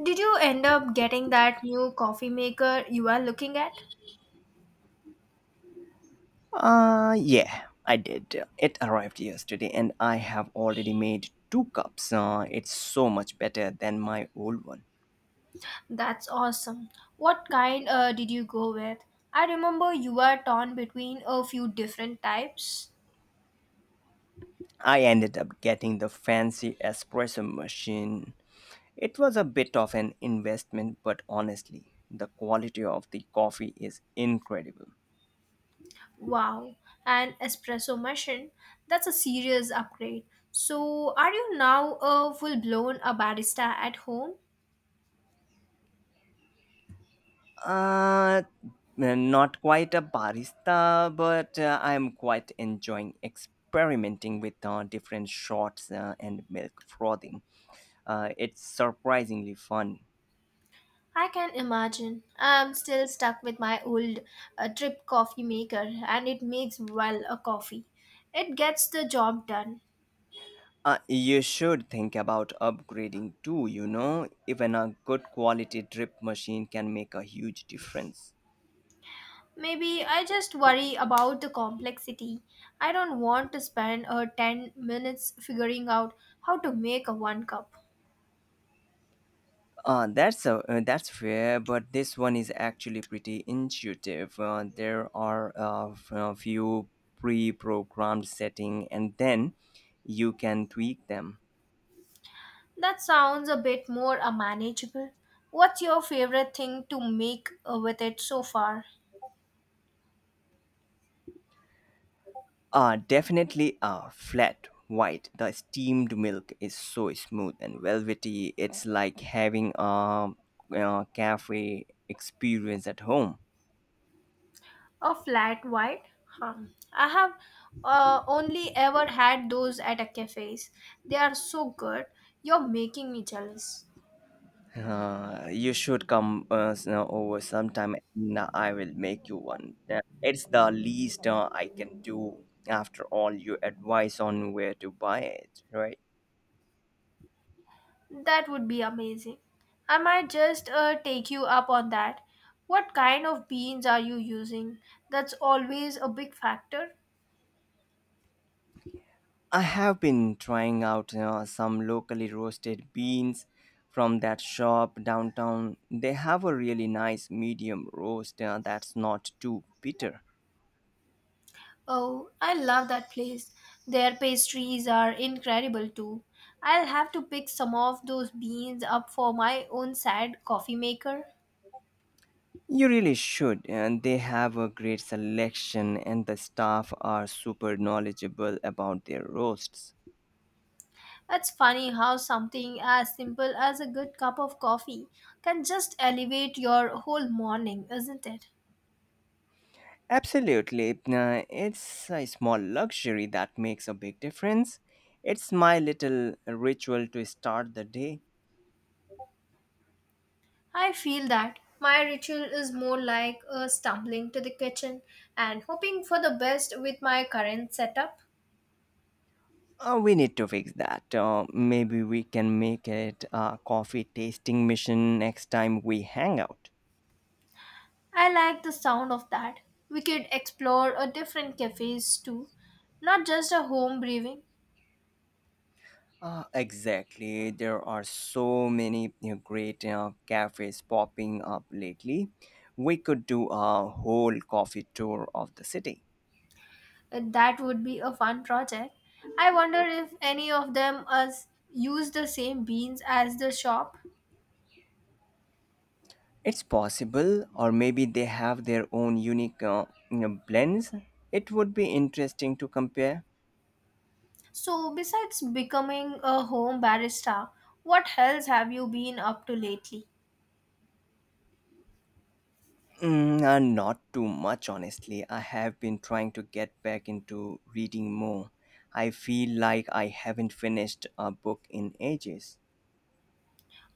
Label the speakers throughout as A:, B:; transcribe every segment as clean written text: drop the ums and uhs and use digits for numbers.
A: Did you end up getting that new coffee maker you are looking at?
B: Yeah, I did. It arrived yesterday and I have already made two cups. It's so much better than my old one.
A: That's awesome. What kind did you go with? I remember you were torn between a few different types.
B: I ended up getting the fancy espresso machine. It was a bit of an investment, but honestly, the quality of the coffee is incredible.
A: Wow, an espresso machine. That's a serious upgrade. So, are you now a full blown a barista at home?
B: Uh, Not quite a barista, but I'm quite enjoying experimenting with different shots and milk frothing. It's surprisingly fun.
A: I can imagine. I'm still stuck with my old drip coffee maker and it makes well a coffee. It gets the job done.
B: You should think about upgrading too. Even a good quality drip machine can make a huge difference.
A: Maybe I just worry about the complexity. I don't want to spend 10 minutes figuring out how to make a one cup.
B: That's fair, but this one is actually pretty intuitive. There are a few pre-programmed setting, and then you can tweak them.
A: That sounds a bit more manageable. What's your favorite thing to make with it so far?
B: Definitely flat white. The steamed milk is so smooth and velvety. It's like having a cafe experience at home.
A: A flat white? Huh. I have only ever had those at a cafes. They are so good. You're making me jealous.
B: You should come over sometime and I will make you one. It's the least I can do after all your advice on where to buy it, right?
A: That would be amazing. I might just take you up on that. What kind of beans are you using? That's always a big factor.
B: I have been trying out some locally roasted beans from that shop downtown. They have a really nice medium roast that's not too bitter.
A: Oh, I love that place. Their pastries are incredible too. I'll have to pick some of those beans up for my own sad coffee maker.
B: You really should, and they have a great selection, and the staff are super knowledgeable about their roasts.
A: It's funny how something as simple as a good cup of coffee can just elevate your whole morning, isn't it?
B: Absolutely, it's a small luxury that makes a big difference. It's my little ritual to start the day.
A: I feel that my ritual is more like a stumbling to the kitchen and hoping for the best with my current setup.
B: We need to fix that. Maybe we can make it a coffee tasting mission next time we hang out.
A: I like the sound of that. We could explore a different cafes too, not just a home brewing.
B: Exactly. There are so many great cafes popping up lately. We could do a whole coffee tour of the city.
A: That would be a fun project. I wonder if any of them us use the same beans as the shop.
B: It's possible, or maybe they have their own unique blends. It would be interesting to compare.
A: So besides becoming a home barista, what else have you been up to lately?
B: Not too much, honestly. I have been trying to get back into reading more. I feel like I haven't finished a book in ages.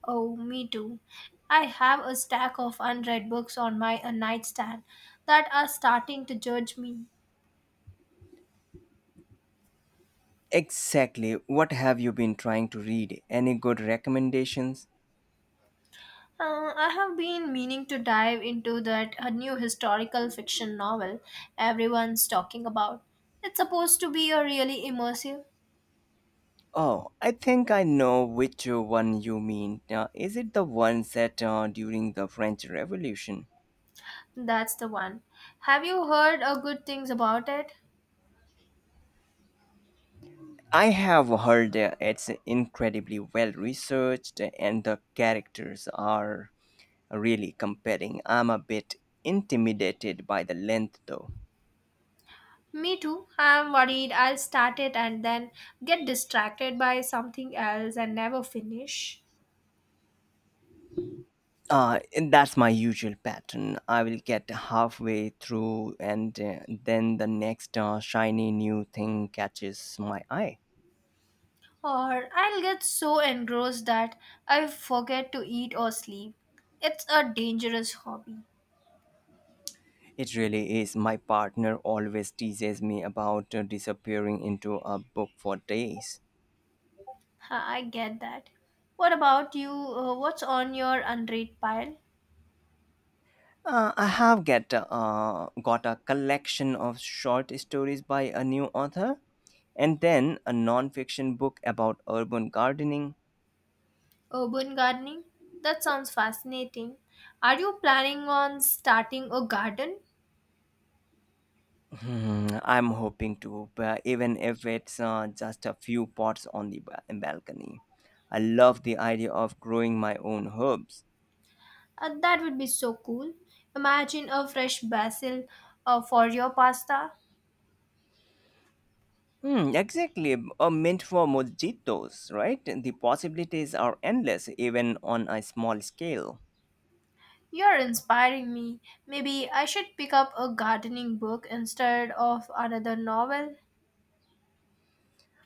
A: Oh, me too. I have a stack of unread books on my nightstand that are starting to judge me.
B: Exactly. What have you been trying to read? Any good recommendations?
A: I have been meaning to dive into that new historical fiction novel everyone's talking about. It's supposed to be a really immersive.
B: Oh, I think I know which one you mean. Is it the one set during the French Revolution?
A: That's the one. Have you heard good things about it?
B: I have heard it's incredibly well researched and the characters are really comparing. I'm a bit intimidated by the length though.
A: Me too. I'm worried I'll start it and then get distracted by something else and never finish.
B: And that's my usual pattern. I will get halfway through, and then the next shiny new thing catches my eye.
A: Or I'll get so engrossed that I forget to eat or sleep. It's a dangerous hobby.
B: It really is. My partner always teases me about disappearing into a book for days.
A: Ha, I get that. What about you? What's on your unread pile?
B: I have get got a collection of short stories by a new author, and then a non-fiction book about urban gardening.
A: Urban gardening? That sounds fascinating. Are you planning on starting a garden?
B: I'm hoping to, but even if it's just a few pots on the balcony. I love the idea of growing my own herbs.
A: That would be so cool. Imagine a fresh basil for your pasta.
B: Hmm, exactly. A mint for mojitos, right? The possibilities are endless, even on a small scale.
A: You're inspiring me. Maybe I should pick up a gardening book instead of another novel.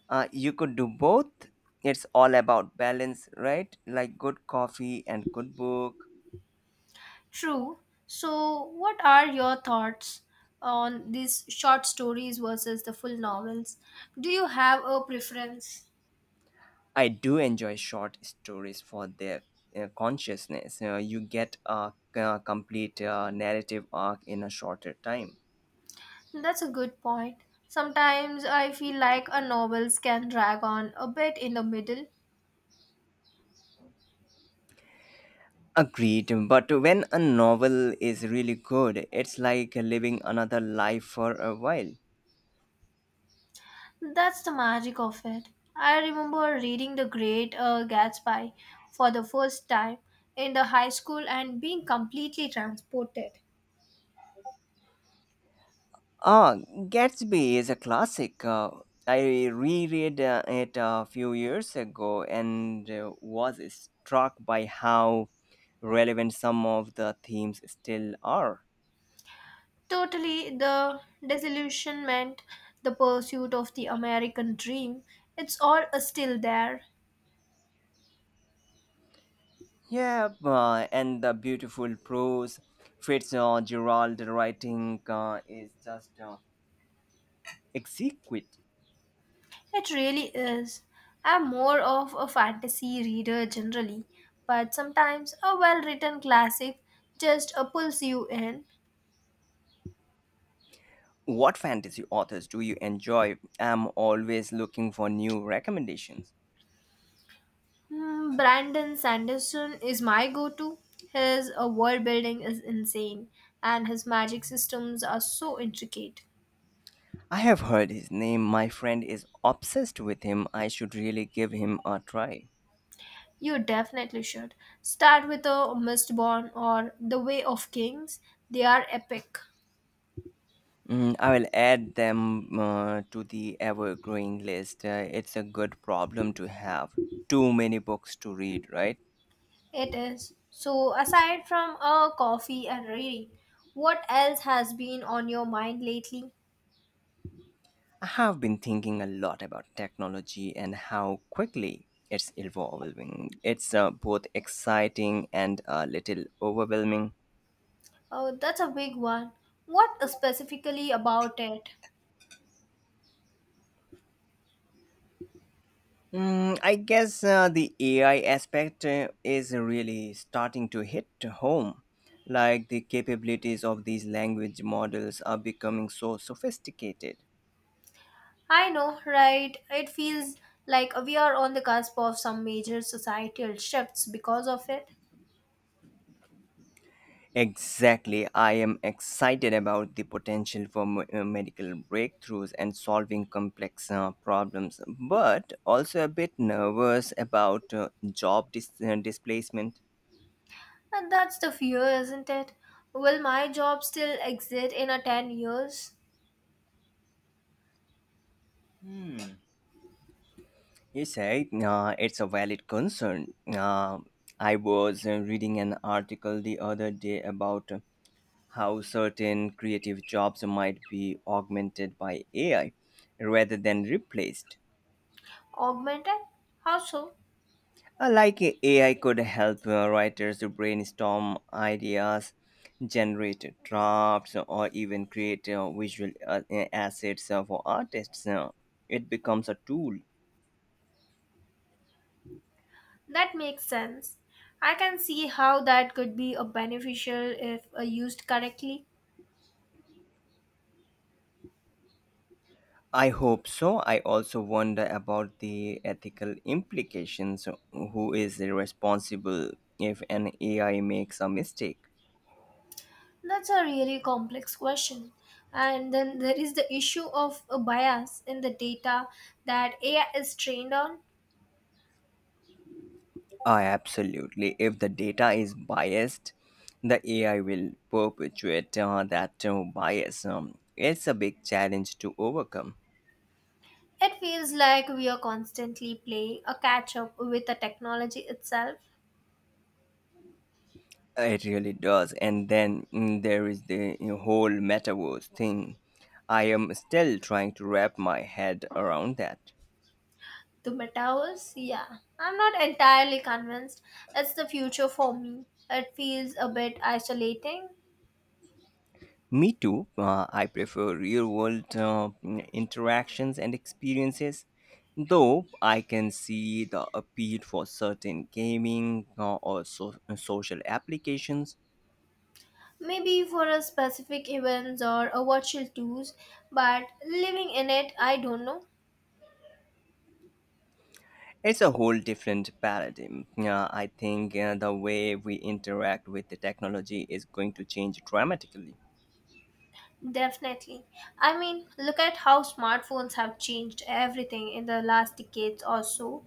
B: You could do both. It's all about balance, right? Like good coffee and good book.
A: True. So, what are your thoughts on these short stories versus the full novels? Do you have a preference?
B: I do enjoy short stories for their consciousness. You get a complete narrative arc in a shorter time.
A: That's a good point. Sometimes I feel like a novels can drag on a bit in the middle.
B: Agreed, but when a novel is really good, it's like living another life for a while.
A: That's the magic of it. I remember reading The Great Gatsby for the first time in the high school and being completely transported.
B: Ah, Gatsby is a classic. I reread it a few years ago and was struck by how relevant some of the themes still are.
A: Totally, the disillusionment, the pursuit of the American dream, it's all still there.
B: Yeah, and the beautiful prose, Fritz Gerald writing is just exquisite.
A: It really is. I'm more of a fantasy reader generally, but sometimes a well written classic just pulls you in.
B: What fantasy authors do you enjoy? I'm always looking for new recommendations.
A: Hmm, Brandon Sanderson is my go to. His world building is insane, and his magic systems are so intricate.
B: I have heard his name. My friend is obsessed with him. I should really give him a try.
A: You definitely should. Start with a Mistborn or The Way of Kings. They are epic.
B: I will add them to the ever growing list. It's a good problem to have. Too many books to read, right?
A: It is. So, aside from a coffee and reading, what else has been on your mind lately?
B: I have been thinking a lot about technology and how quickly it's evolving. It's both exciting and a little overwhelming.
A: Oh, that's a big one. What specifically about it?
B: I guess the AI aspect is really starting to hit home. Like the capabilities of these language models are becoming so sophisticated.
A: I know, right? It feels like we are on the cusp of some major societal shifts because of it.
B: Exactly. I am excited about the potential for medical breakthroughs and solving complex problems, but also a bit nervous about job displacement.
A: And that's the fear, isn't it? Will my job still exist in a 10 years?
B: Hmm. You say it's a valid concern. I was reading an article the other day about how certain creative jobs might be augmented by AI rather than replaced.
A: Augmented? How so?
B: Like AI could help writers to brainstorm ideas, generate drafts, or even create visual assets for artists. It becomes a tool.
A: That makes sense. I can see how that could be a beneficial if used correctly.
B: I hope so. I also wonder about the ethical implications. Who is responsible if an AI makes a mistake?
A: That's a really complex question. And then there is the issue of a bias in the data that AI is trained on.
B: Ah, absolutely. If the data is biased, the AI will perpetuate that bias. It's a big challenge to overcome.
A: It feels like we are constantly playing a catch up with the technology itself.
B: It really does. And then there is the whole metaverse thing. I am still trying to wrap my head around that.
A: The metaverse? Yeah. I'm not entirely convinced. It's the future for me. It feels a bit isolating.
B: Me too. I prefer real world interactions and experiences, though I can see the appeal for certain gaming or social applications.
A: Maybe for a specific events or a virtual tours, but living in it, I don't know.
B: It's a whole different paradigm. I think the way we interact with the technology is going to change dramatically.
A: Definitely. I mean, look at how smartphones have changed everything in the last decades or so.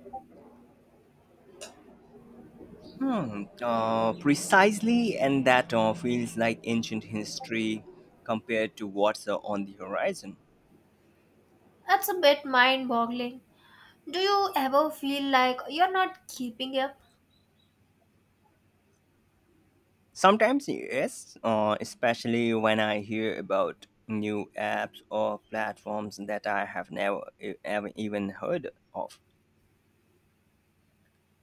B: Precisely, and that feels like ancient history compared to what's on the horizon.
A: That's a bit mind boggling. Do you ever feel like you're not keeping up?
B: Sometimes, yes, especially when I hear about new apps or platforms that I have never e- ever even heard of.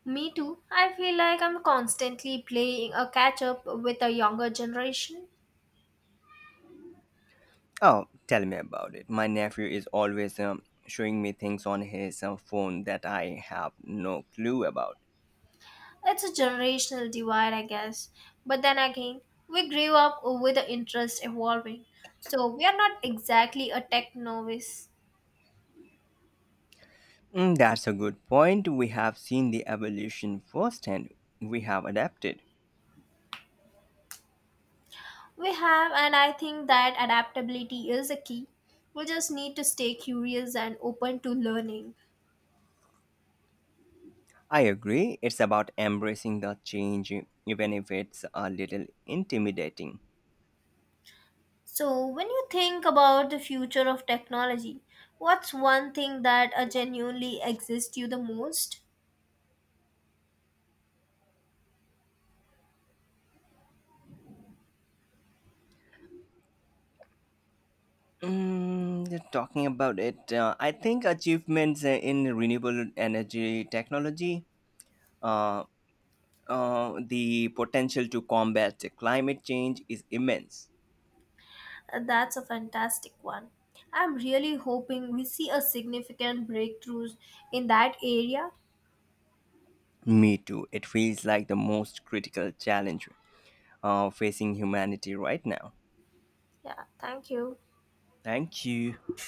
A: Me too. I feel like I'm constantly playing a catch up with a younger generation.
B: Oh, tell me about it. My nephew is always showing me things on his phone that I have no clue about.
A: It's a generational divide, I guess. But then again, we grew up with the interest evolving. So we are not exactly a tech novice.
B: That's a good point. We have seen the evolution firsthand, we have adapted.
A: We have, and I think that adaptability is a key. We just need to stay curious and open to learning.
B: I agree, it's about embracing the change, even if it's a little intimidating.
A: So, when you think about the future of technology, what's one thing that genuinely exists you the most?
B: Mm, yeah, talking about it, I think achievements in renewable energy technology, uh, the potential to combat the climate change is immense.
A: That's a fantastic one. I'm really hoping we see a significant breakthroughs in that area.
B: Me too. It feels like the most critical challenge facing humanity right now.
A: Yeah, thank you.
B: Thank you.